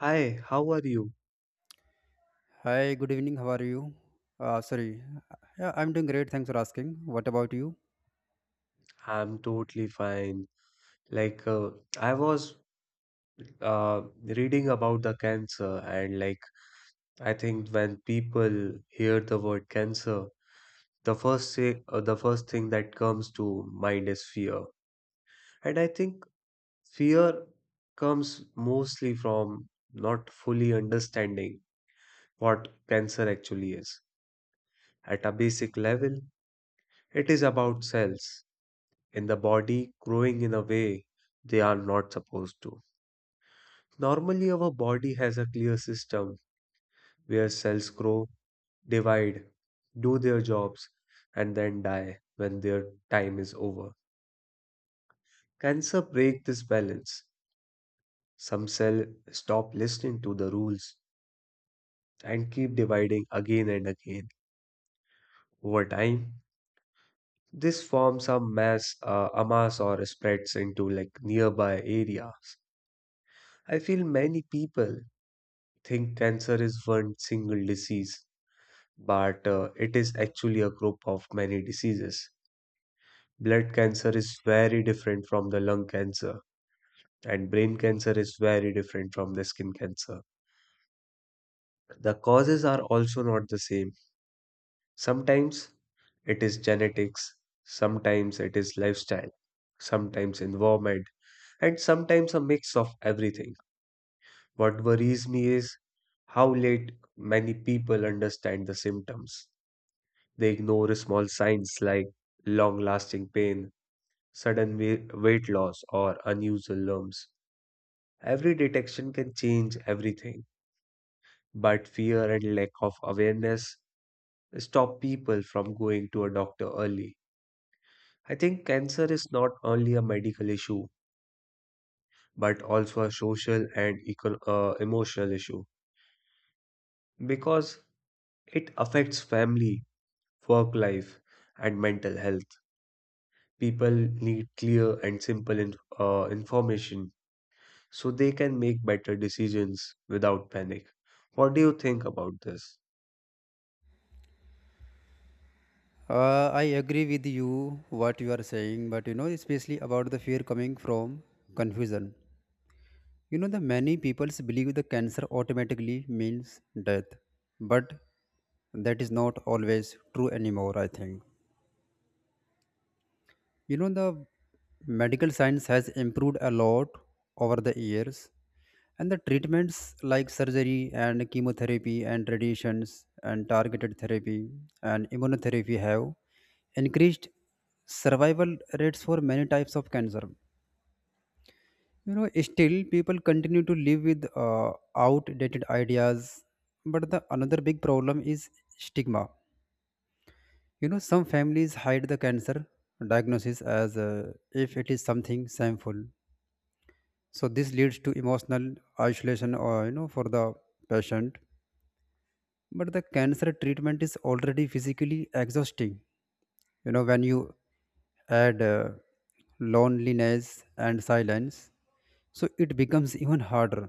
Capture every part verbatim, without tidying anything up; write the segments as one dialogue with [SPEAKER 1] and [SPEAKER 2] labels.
[SPEAKER 1] Hi, how are you?
[SPEAKER 2] Hi, good evening. How are you? Uh, sorry. Yeah, I'm doing great. Thanks for asking. What about you?
[SPEAKER 1] I'm totally fine. Like, uh, I was uh, reading about the cancer, and like, I think when people hear the word cancer, the first say, uh, the first thing that comes to mind is fear. And I think fear comes mostly from not fully understanding what cancer actually is. At a basic level, it is about cells in the body growing in a way they are not supposed to. Normally, our body has a clear system where cells grow, divide, do their jobs, and then die when their time is over. Cancer breaks this balance. Some cells stop listening to the rules and keep dividing again and again. Over time, this forms a mass, uh, a mass or spreads into like nearby areas. I feel many people think cancer is one single disease, but uh, it is actually a group of many diseases. Blood cancer is very different from the lung cancer, and brain cancer is very different from the skin cancer. The causes are also not the same. Sometimes it is genetics, sometimes it is lifestyle, sometimes environment, and sometimes a mix of everything. What worries me is how late many people understand the symptoms. They ignore small signs like long lasting pain, sudden wei- weight loss, or unusual lumps. Every detection can change everything, but fear and lack of awareness stop people from going to a doctor early. I think cancer is not only a medical issue, but also a social and eco- uh, emotional issue because it affects family, work life, and mental health. People need clear and simple in- uh, information so they can make better decisions without panic. What do you think about this?
[SPEAKER 2] Uh, I agree with you what you are saying, but you know, especially about the fear coming from confusion. You know, the many people believe the cancer automatically means death, but that is not always true anymore. I think You know, the medical science has improved a lot over the years, and the treatments like surgery and chemotherapy and radiations and targeted therapy and immunotherapy have increased survival rates for many types of cancer. You know, still people continue to live with uh, outdated ideas, but the another big problem is stigma. You know, some families hide the cancer diagnosis as uh, if it is something shameful, so this leads to emotional isolation, or you know, for the patient. But the cancer treatment is already physically exhausting, you know, when you add uh, loneliness and silence, so it becomes even harder.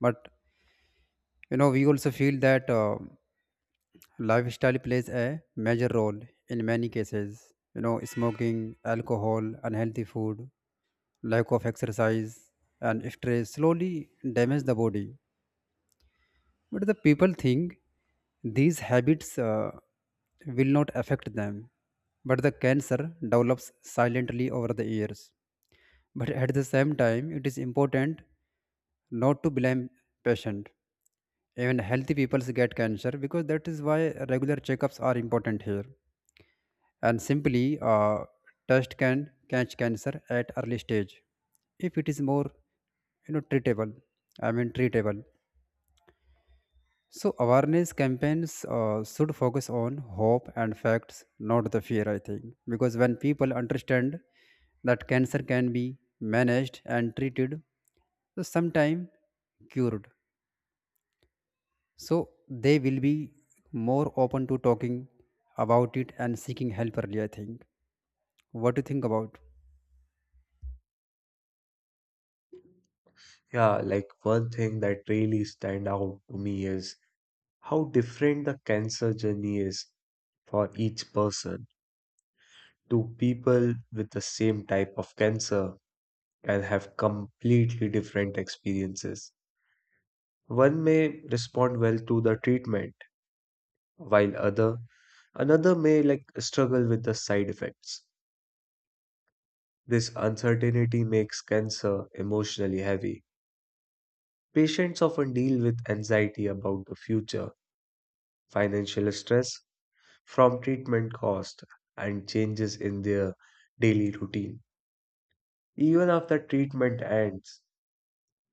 [SPEAKER 2] But you know, we also feel that uh, lifestyle plays a major role in many cases. You know, smoking, alcohol, unhealthy food, lack of exercise, and stress slowly damage the body. But the people think these habits uh, will not affect them, but the cancer develops silently over the years. But at the same time, it is important not to blame patient. Even healthy people get cancer, because that is why regular checkups are important here. And simply, uh, test can catch cancer at early stage if it is more, you know, treatable. I mean, treatable. So awareness campaigns uh, should focus on hope and facts, not the fear. I think, because when people understand that cancer can be managed and treated, so sometime cured, so they will be more open to talking about it and seeking help early. I think. What do you think about?
[SPEAKER 1] Yeah, like one thing that really stand out to me is how different the cancer journey is for each person. Two people with the same type of cancer can have completely different experiences. One may respond well to the treatment, while other another may like struggle with the side effects. This uncertainty makes cancer emotionally heavy. Patients often deal with anxiety about the future, financial stress from treatment cost, and changes in their daily routine. Even after treatment ends,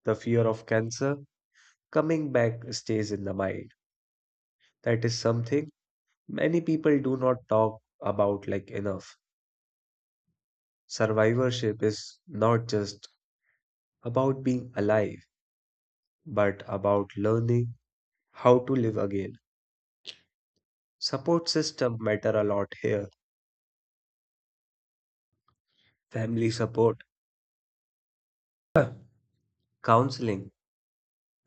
[SPEAKER 1] the fear of cancer coming back stays in the mind. That is something many people do not talk about like enough. Survivorship is not just about being alive, but about learning how to live again. Support system matter a lot here. Family support, counseling,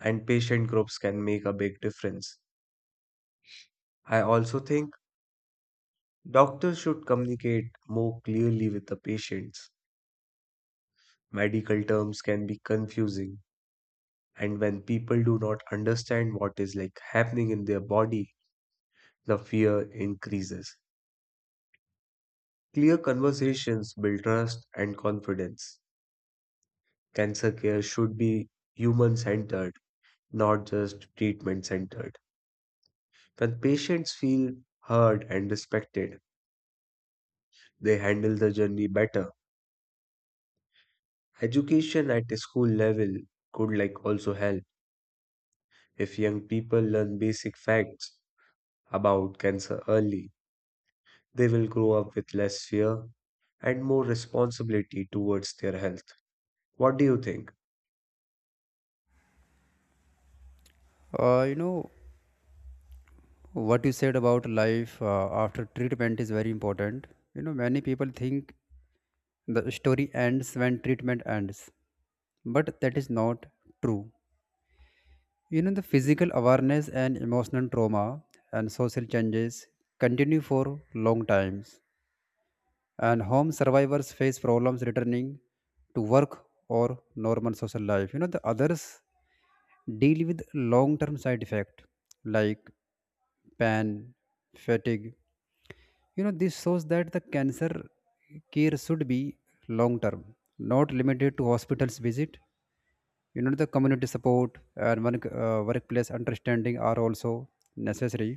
[SPEAKER 1] and patient groups can make a big difference. I also think doctors should communicate more clearly with the patients. Medical terms can be confusing, and when people do not understand what is like happening in their body, the fear increases. Clear conversations build trust and confidence. Cancer care should be human centered, not just treatment centered. When patients feel heard and respected, they handle the journey better. Education at the school level could like also help. If young people learn basic facts about cancer early, they will grow up with less fear and more responsibility towards their health. What do you think?
[SPEAKER 2] Uh, you know what you said about life uh, after treatment is very important. You know, many people think the story ends when treatment ends. But that is not true. You know, the physical awareness and emotional trauma and social changes continue for long times, and home survivors face problems returning to work or normal social life. You know, the others deal with long term side effect like pain, fatigue, you know, this shows that the cancer care should be long term, not limited to hospitals visit. You know, the community support and work, uh, workplace understanding are also necessary.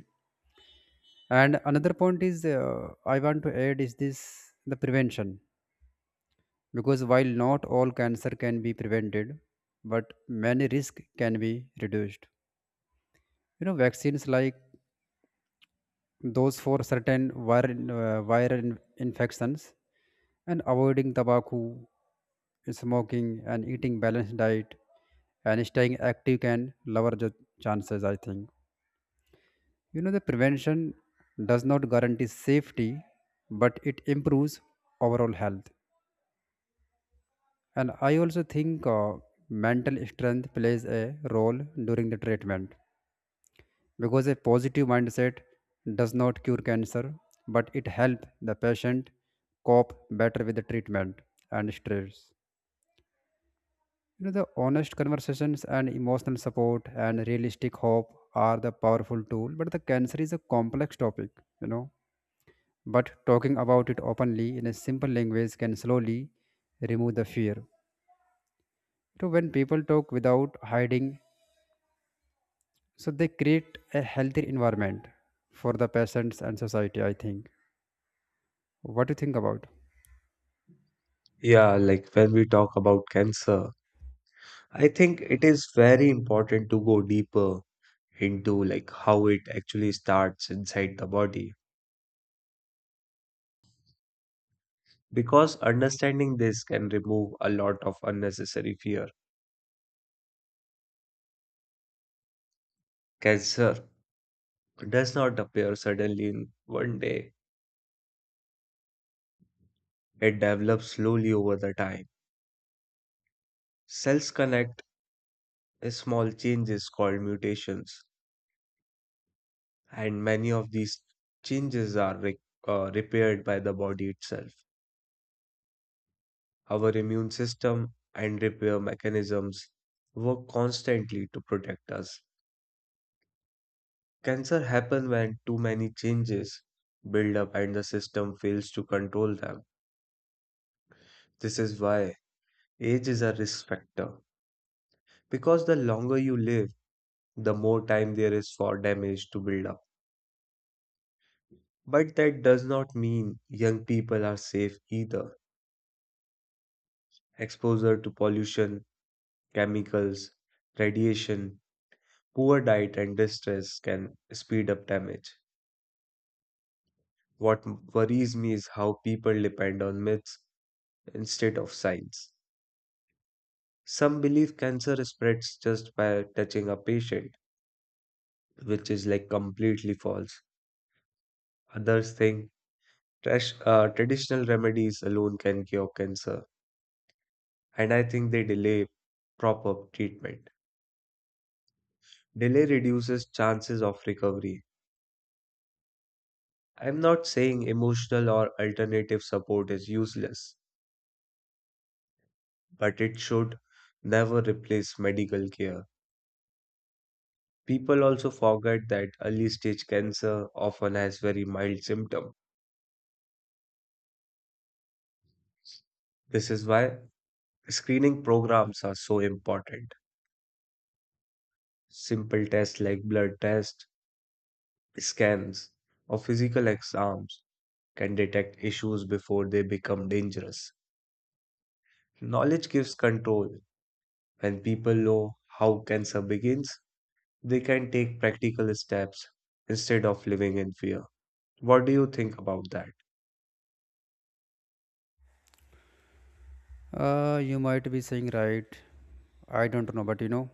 [SPEAKER 2] And another point is uh, I want to add is this the prevention, because while not all cancer can be prevented, but many risk can be reduced. You know, vaccines like those for certain viral, uh, viral in- infections, and avoiding tobacco, smoking, and eating balanced diet and staying active can lower the chances, I think. You know, the prevention does not guarantee safety, but it improves overall health. And I also think uh, mental strength plays a role during the treatment, because a positive mindset does not cure cancer, but it helps the patient cope better with the treatment and stress. You know, the honest conversations and emotional support and realistic hope are the powerful tool, but the cancer is a complex topic, you know. But talking about it openly in a simple language can slowly remove the fear. So when people talk without hiding, so they create a healthier environment for the patients and society, I think. What do you think about?
[SPEAKER 1] Yeah, like when we talk about cancer, I think it is very important to go deeper into like how it actually starts inside the body because understanding this can remove a lot of unnecessary fear. Cancer does not appear suddenly in one day. It develops slowly over the time. Cells connect small changes called mutations, and many of these changes are re- uh, repaired by the body itself. Our immune system and repair mechanisms work constantly to protect us. Cancer happens when too many changes build up and the system fails to control them. This is why age is a risk factor. Because the longer you live, the more time there is for damage to build up. But that does not mean young people are safe either. Exposure to pollution, chemicals, radiation, poor diet, and distress can speed up damage. What worries me is how people depend on myths instead of science. Some believe cancer spreads just by touching a patient, which is like completely false. Others think trash, uh, traditional remedies alone can cure cancer, and I think they delay proper treatment. Delay reduces chances of recovery. I'm not saying emotional or alternative support is useless, but it should never replace medical care. People also forget that early stage cancer often has very mild symptoms. This is why screening programs are so important. Simple tests like blood tests, scans, or physical exams can detect issues before they become dangerous. Knowledge gives control. When people know how cancer begins, they can take practical steps instead of living in fear. What do you think about that?
[SPEAKER 2] Uh, you might be saying right. I don't know, but you know,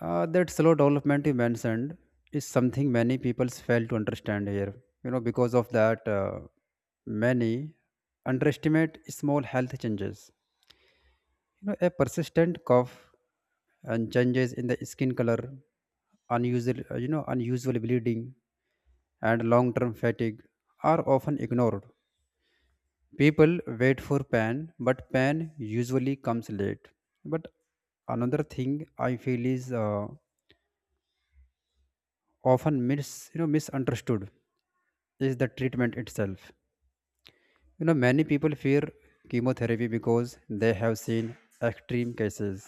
[SPEAKER 2] uh, that slow development you mentioned is something many people fail to understand here. You know, because of that, uh, many underestimate small health changes. You know, a persistent cough and changes in the skin color, unusual, uh, you know, unusual bleeding, and long-term fatigue are often ignored. People wait for pan, but pan usually comes late. But another thing I feel is uh, often mis you know misunderstood is the treatment itself. You know, many people fear chemotherapy because they have seen extreme cases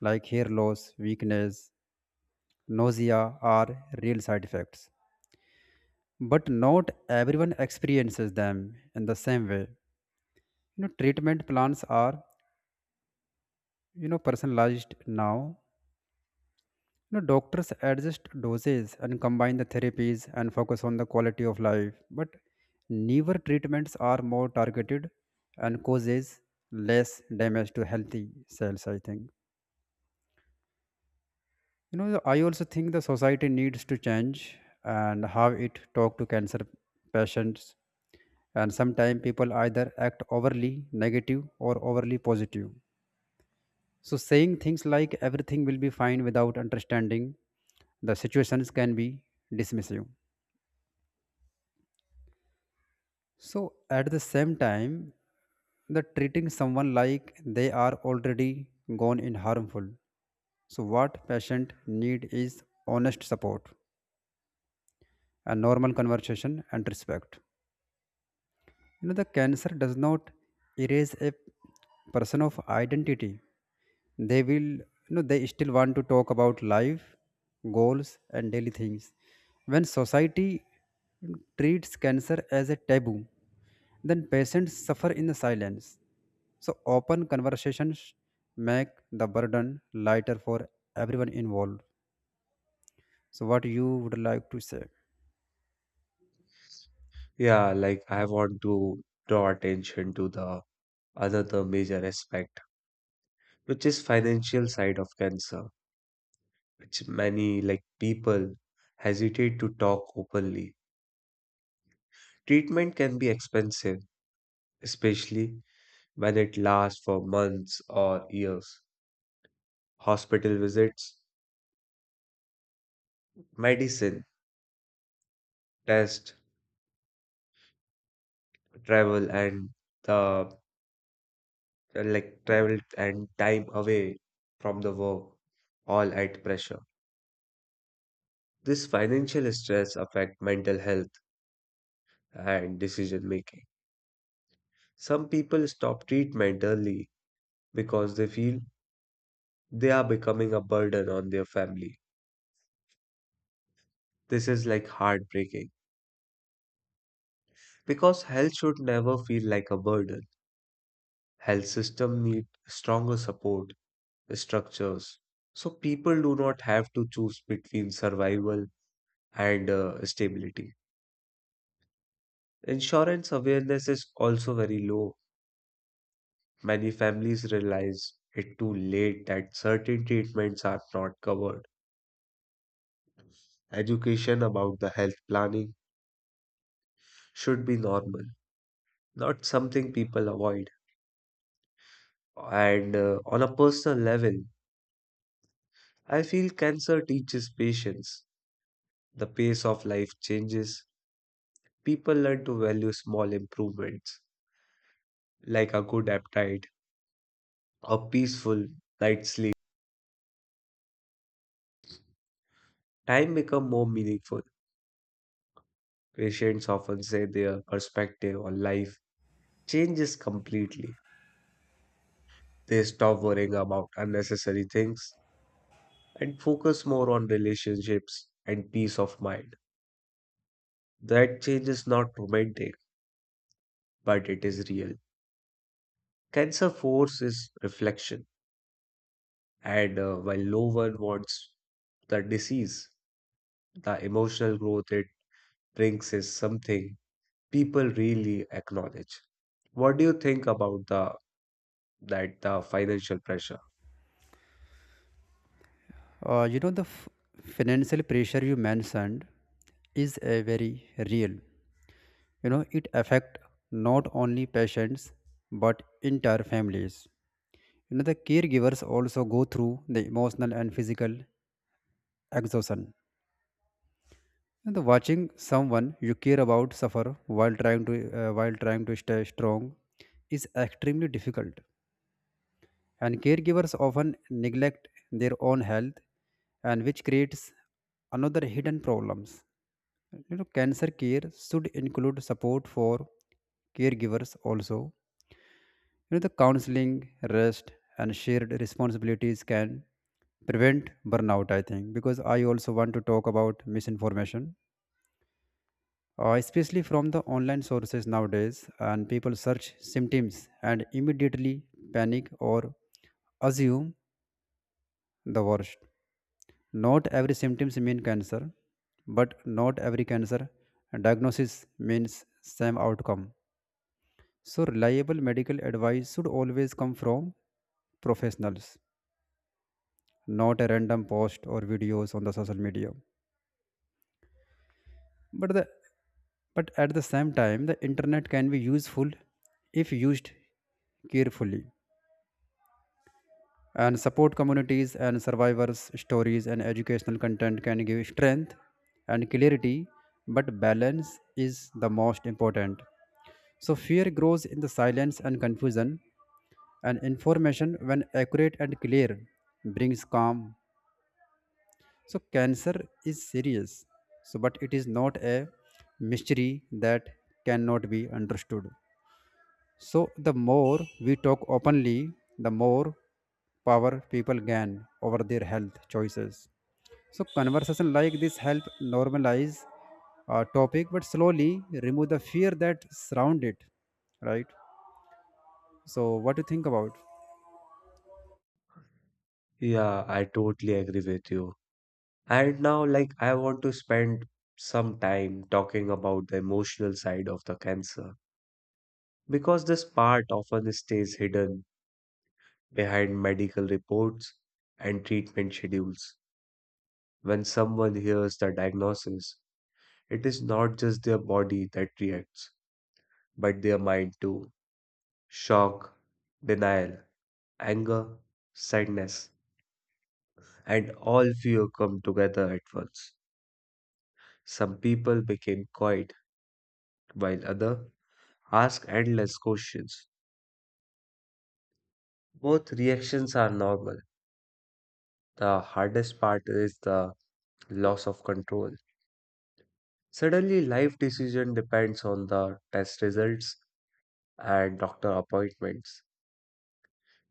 [SPEAKER 2] like hair loss, weakness, nausea are real side effects. But not everyone experiences them in the same way. You know, treatment plans are, you know, personalized now. You know, doctors adjust doses and combine the therapies and focus on the quality of life, but newer treatments are more targeted and causes less damage to healthy cells, I think. You know, the- I also think the society needs to change and how it talk to cancer patients. And sometimes people either act overly negative or overly positive. So saying things like everything will be fine without understanding the situations can be dismissive. So at the same time, the treating someone like they are already gone in harmful. So what patient need is honest support, a normal conversation and respect. You know, the cancer does not erase a person of identity. They will you know they still want to talk about life, goals, and daily things. When society treats cancer as a taboo, then patients suffer in the silence. So open conversations make the burden lighter for everyone involved. So what you would like to say?
[SPEAKER 1] Yeah, like I want to draw attention to the another major aspect, which is financial side of cancer, which many like people hesitate to talk openly. Treatment can be expensive, especially when it lasts for months or years. Hospital visits, medicine, tests, travel and the like travel and time away from the work all at pressure. This financial stress affect mental health and decision making. Some people stop treatment early because they feel they are becoming a burden on their family. This is like heartbreaking because health should never feel like a burden. Health system need stronger support structures. So people do not have to choose between survival and uh, stability. Insurance awareness is also very low. Many families realize it too late that certain treatments are not covered. Education about the health planning should be normal, not something people avoid. And uh, on a personal level, I feel cancer teaches patience. The pace of life changes. People learn to value small improvements like a good appetite, a peaceful night's sleep. Time become more meaningful. Patients often say their perspective on life changes completely. They stop worrying about unnecessary things and focus more on relationships and peace of mind. That change is not romantic, but it is real. Cancer forces reflection, and uh, while no one wants the disease, the emotional growth it brings is something people really acknowledge. What do you think about the that the financial pressure?
[SPEAKER 2] Uh, you know, the f- financial pressure you mentioned is a very real. You know, it affect not only patients but entire families. You know, the caregivers also go through the emotional and physical exhaustion. And the watching someone you care about suffer while trying to uh, while trying to stay strong is extremely difficult. And caregivers often neglect their own health, and which creates another hidden problems. You know, cancer care should include support for caregivers also. You know, the counseling, rest, and shared responsibilities can prevent burnout. I think, because I also want to talk about misinformation, uh, especially from the online sources nowadays, and people search symptoms and immediately panic or assume the worst. Not every symptoms mean cancer, but not every cancer diagnosis means same outcome. So reliable medical advice should always come from professionals, not a random post or videos on the social media. But the but at the same time the internet can be useful if used carefully, and support communities and survivors stories and educational content can give strength and clarity, but balance is the most important. So fear grows in the silence and confusion, and information, when accurate and clear, brings calm. So cancer is serious, so but it is not a mystery that cannot be understood. So the more we talk openly, the more power people gain over their health choices. So conversation like this help normalize a topic, but slowly remove the fear that surround it. Right. So what do you think about?
[SPEAKER 1] Yeah, I totally agree with you. And now, like, I want to spend some time talking about the emotional side of the cancer because this part often stays hidden behind medical reports and treatment schedules. When someone hears the diagnosis, it is not just their body that reacts, but their mind too. Shock, denial, anger, sadness, and all fear come together at once. Some people became quiet while other ask endless questions. Both reactions are normal. The hardest part is the loss of control. Suddenly life decision depends on the test results and doctor appointments.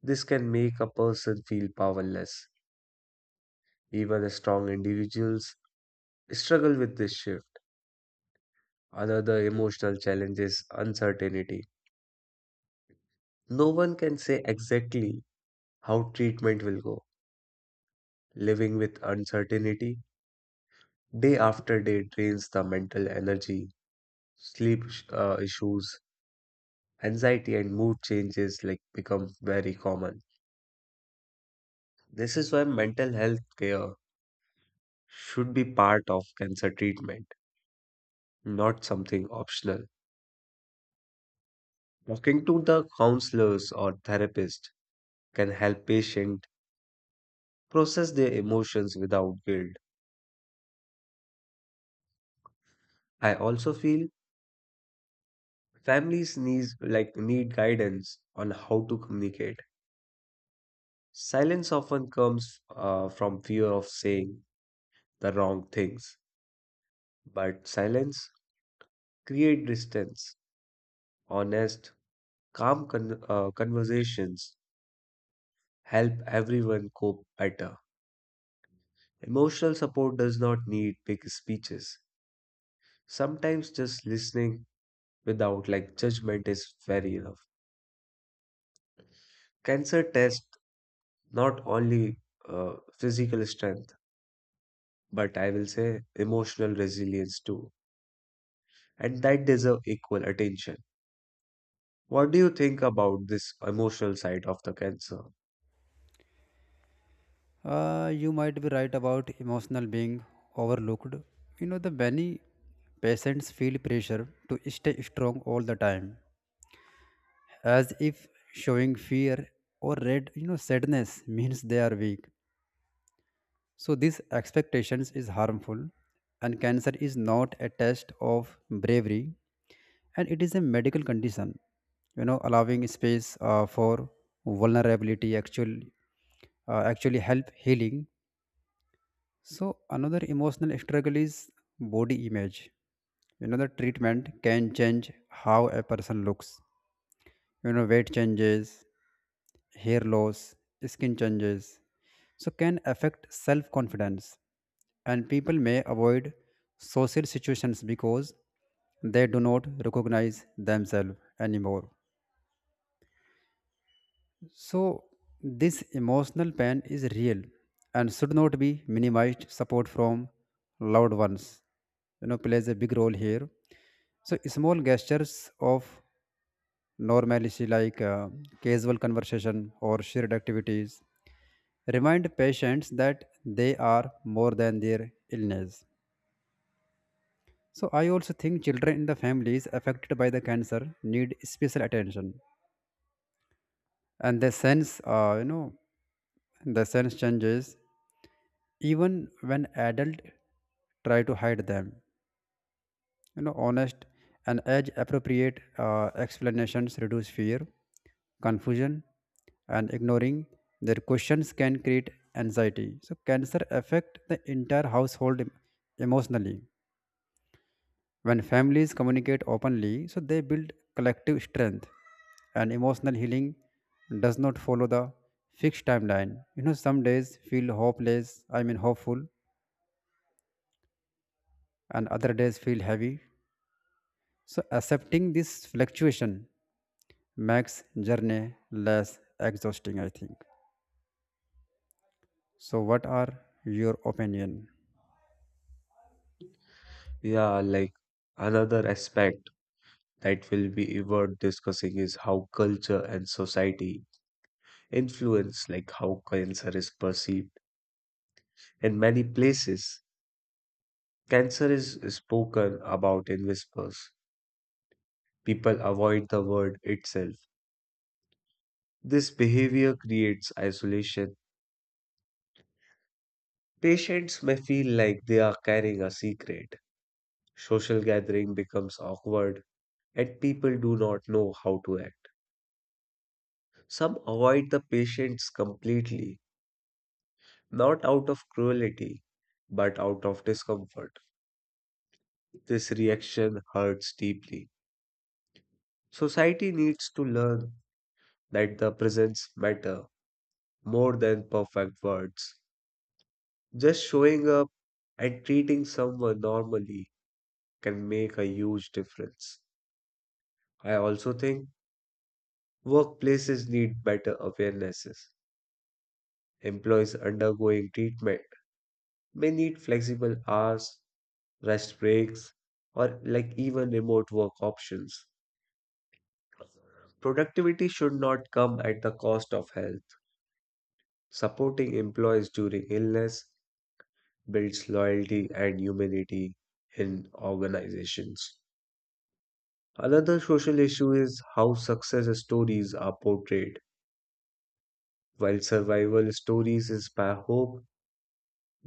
[SPEAKER 1] This can make a person feel powerless. Even strong individuals struggle with this shift. Another emotional challenge is uncertainty. No one can say exactly how treatment will go. Living with uncertainty day after day drains the mental energy, sleep sh- uh, issues, anxiety, and mood changes like become very common. This is why mental health care should be part of cancer treatment, not something optional. Talking to the counselors or therapist can help patient process their emotions without guilt. I also feel families need like need guidance on how to communicate. Silence often comes uh, from fear of saying the wrong things. But silence create distance. Honest, calm con- uh, conversations help everyone cope better. Emotional support does not need big speeches. Sometimes just listening without like judgment is very enough. Cancer tests not only uh, physical strength, but I will say emotional resilience too. And that deserve equal attention. What do you think about this emotional side of the cancer?
[SPEAKER 2] Uh, you might be right about emotional being overlooked. You know, the many patients feel pressure to stay strong all the time as if showing fear or red you know sadness means they are weak. So these expectations is harmful, and cancer is not a test of bravery, and it is a medical condition. You know, allowing space uh, for vulnerability actual uh, actually help healing. So another emotional struggle is body image. You know, the treatment can change how a person looks. You know, weight changes, hair loss, skin changes, so can affect self confidence, and people may avoid social situations because they do not recognize themselves anymore. So this emotional pain is real and should not be minimized. Support from loved ones, you know, plays a big role here. So small gestures of normally see like uh, casual conversation or shared activities remind patients that they are more than their illness. So I also think children in the families affected by the cancer need special attention. And the sense uh, you know the sense changes even when adult try to hide them. You know, honest and age appropriate uh, explanations reduce fear, confusion, and ignoring their questions can create anxiety. So cancer affect the entire household em- emotionally. When families communicate openly, so they build collective strength. And emotional healing does not follow the fixed timeline. You know, some days feel hopeless I mean hopeful, and other days feel heavy. So accepting this fluctuation makes journey less exhausting, I think. So what are your opinion?
[SPEAKER 1] Yeah, like another aspect that will be worth discussing is how culture and society influence like how cancer is perceived. In many places, cancer is spoken about in whispers. People avoid the word itself. This behavior creates isolation. Patients may feel like they are carrying a secret. Social gathering becomes awkward, and people do not know how to act. Some avoid the patients completely, not out of cruelty, but out of discomfort. This reaction hurts deeply. Society needs to learn that the presence matter more than perfect words. Just showing up and treating someone normally can make a huge difference. I also think workplaces need better awarenesses. Employees undergoing treatment may need flexible hours, rest breaks, or like even remote work options. Productivity should not come at the cost of health. Supporting employees during illness builds loyalty and humanity in organizations. Another social issue is how success stories are portrayed. While survival stories inspire hope,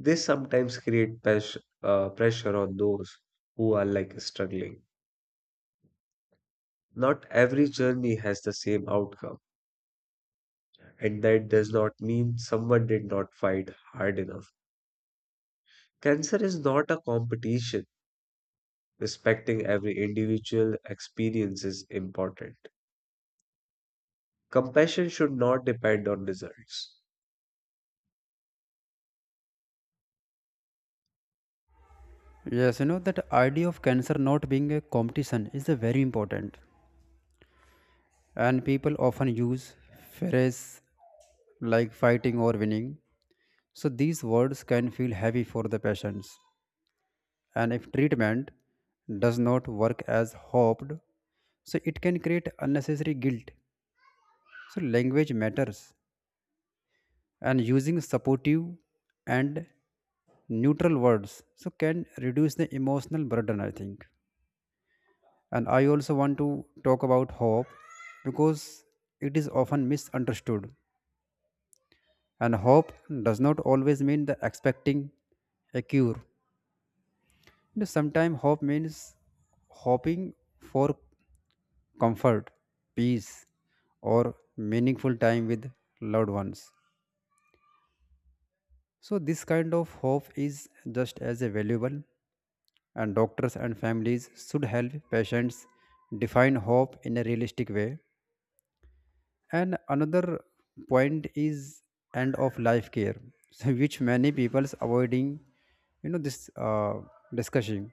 [SPEAKER 1] they sometimes create pes- uh, pressure on those who are like struggling. Not every journey has the same outcome, and that does not mean someone did not fight hard enough. Cancer is not a competition. Respecting every individual experience is important. Compassion should not depend on results.
[SPEAKER 2] Yes, you know, that idea of cancer not being a competition is a very important, and people often use phrase like fighting or winning. So these words can feel heavy for the patients, and if treatment does not work as hoped, so it can create unnecessary guilt. So language matters, and using supportive and neutral words so can reduce the emotional burden, I think. And I also want to talk about hope, because it is often misunderstood. And hope does not always mean the expecting a cure. You know, sometimes hope means hoping for comfort, peace, or meaningful time with loved ones. So this kind of hope is just as valuable, and doctors and families should help patients define hope in a realistic way. And another point is end of life care so which many people's avoiding, you know, this uh, discussion.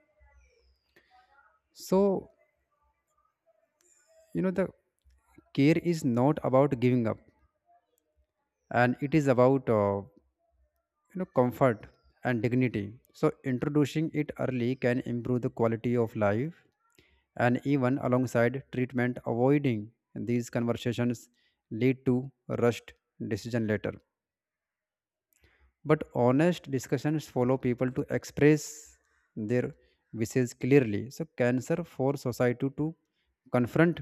[SPEAKER 2] So you know, the care is not about giving up, and it is about uh, you know, comfort and dignity. So introducing it early can improve the quality of life and even alongside treatment. Avoiding these conversations lead to rushed decision later, but honest discussions follow people to express their wishes clearly. So cancer for society to confront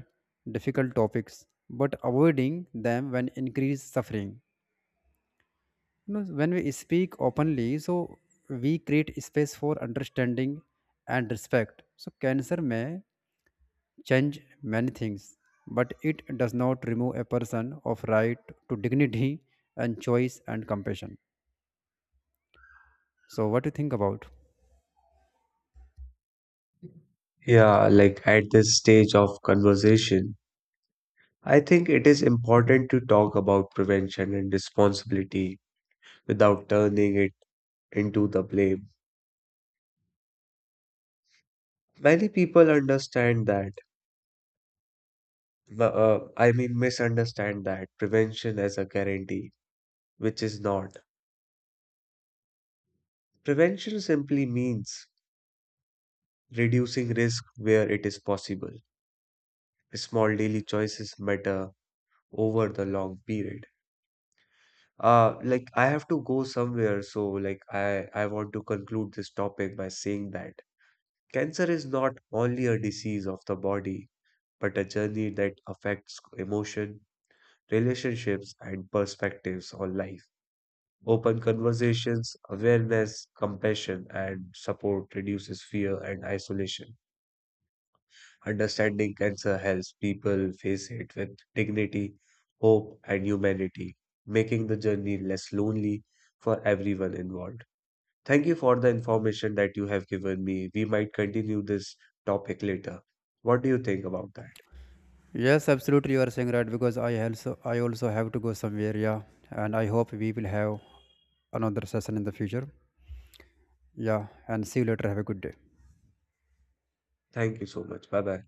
[SPEAKER 2] difficult topics, but avoiding them when increase suffering. You know, when we speak openly, so we create space for understanding and respect. So cancer may change many things, but it does not remove a person of right to dignity and choice and compassion. So what do you think about?
[SPEAKER 1] Yeah, like at this stage of conversation, I think it is important to talk about prevention and responsibility without turning it into the blame. Many people understand that, m- uh, I mean, misunderstand that prevention as a guarantee, which is not. Prevention simply means reducing risk where it is possible. Small daily choices matter over the long period. Uh, like, I have to go somewhere, so like I, I want to conclude this topic by saying that cancer is not only a disease of the body, but a journey that affects emotion, relationships, and perspectives on life. Open conversations, awareness, compassion, and support reduces fear and isolation. Understanding cancer helps people face it with dignity, hope, and humanity, making the journey less lonely for everyone involved. Thank you for the information that you have given me. We might continue this topic later. What do you think about that?
[SPEAKER 2] Yes, absolutely, you are saying right, because I also I also have to go somewhere, yeah, and I hope we will have another session in the future. Yeah, and see you later. Have a good day.
[SPEAKER 1] Thank you so much. Bye bye.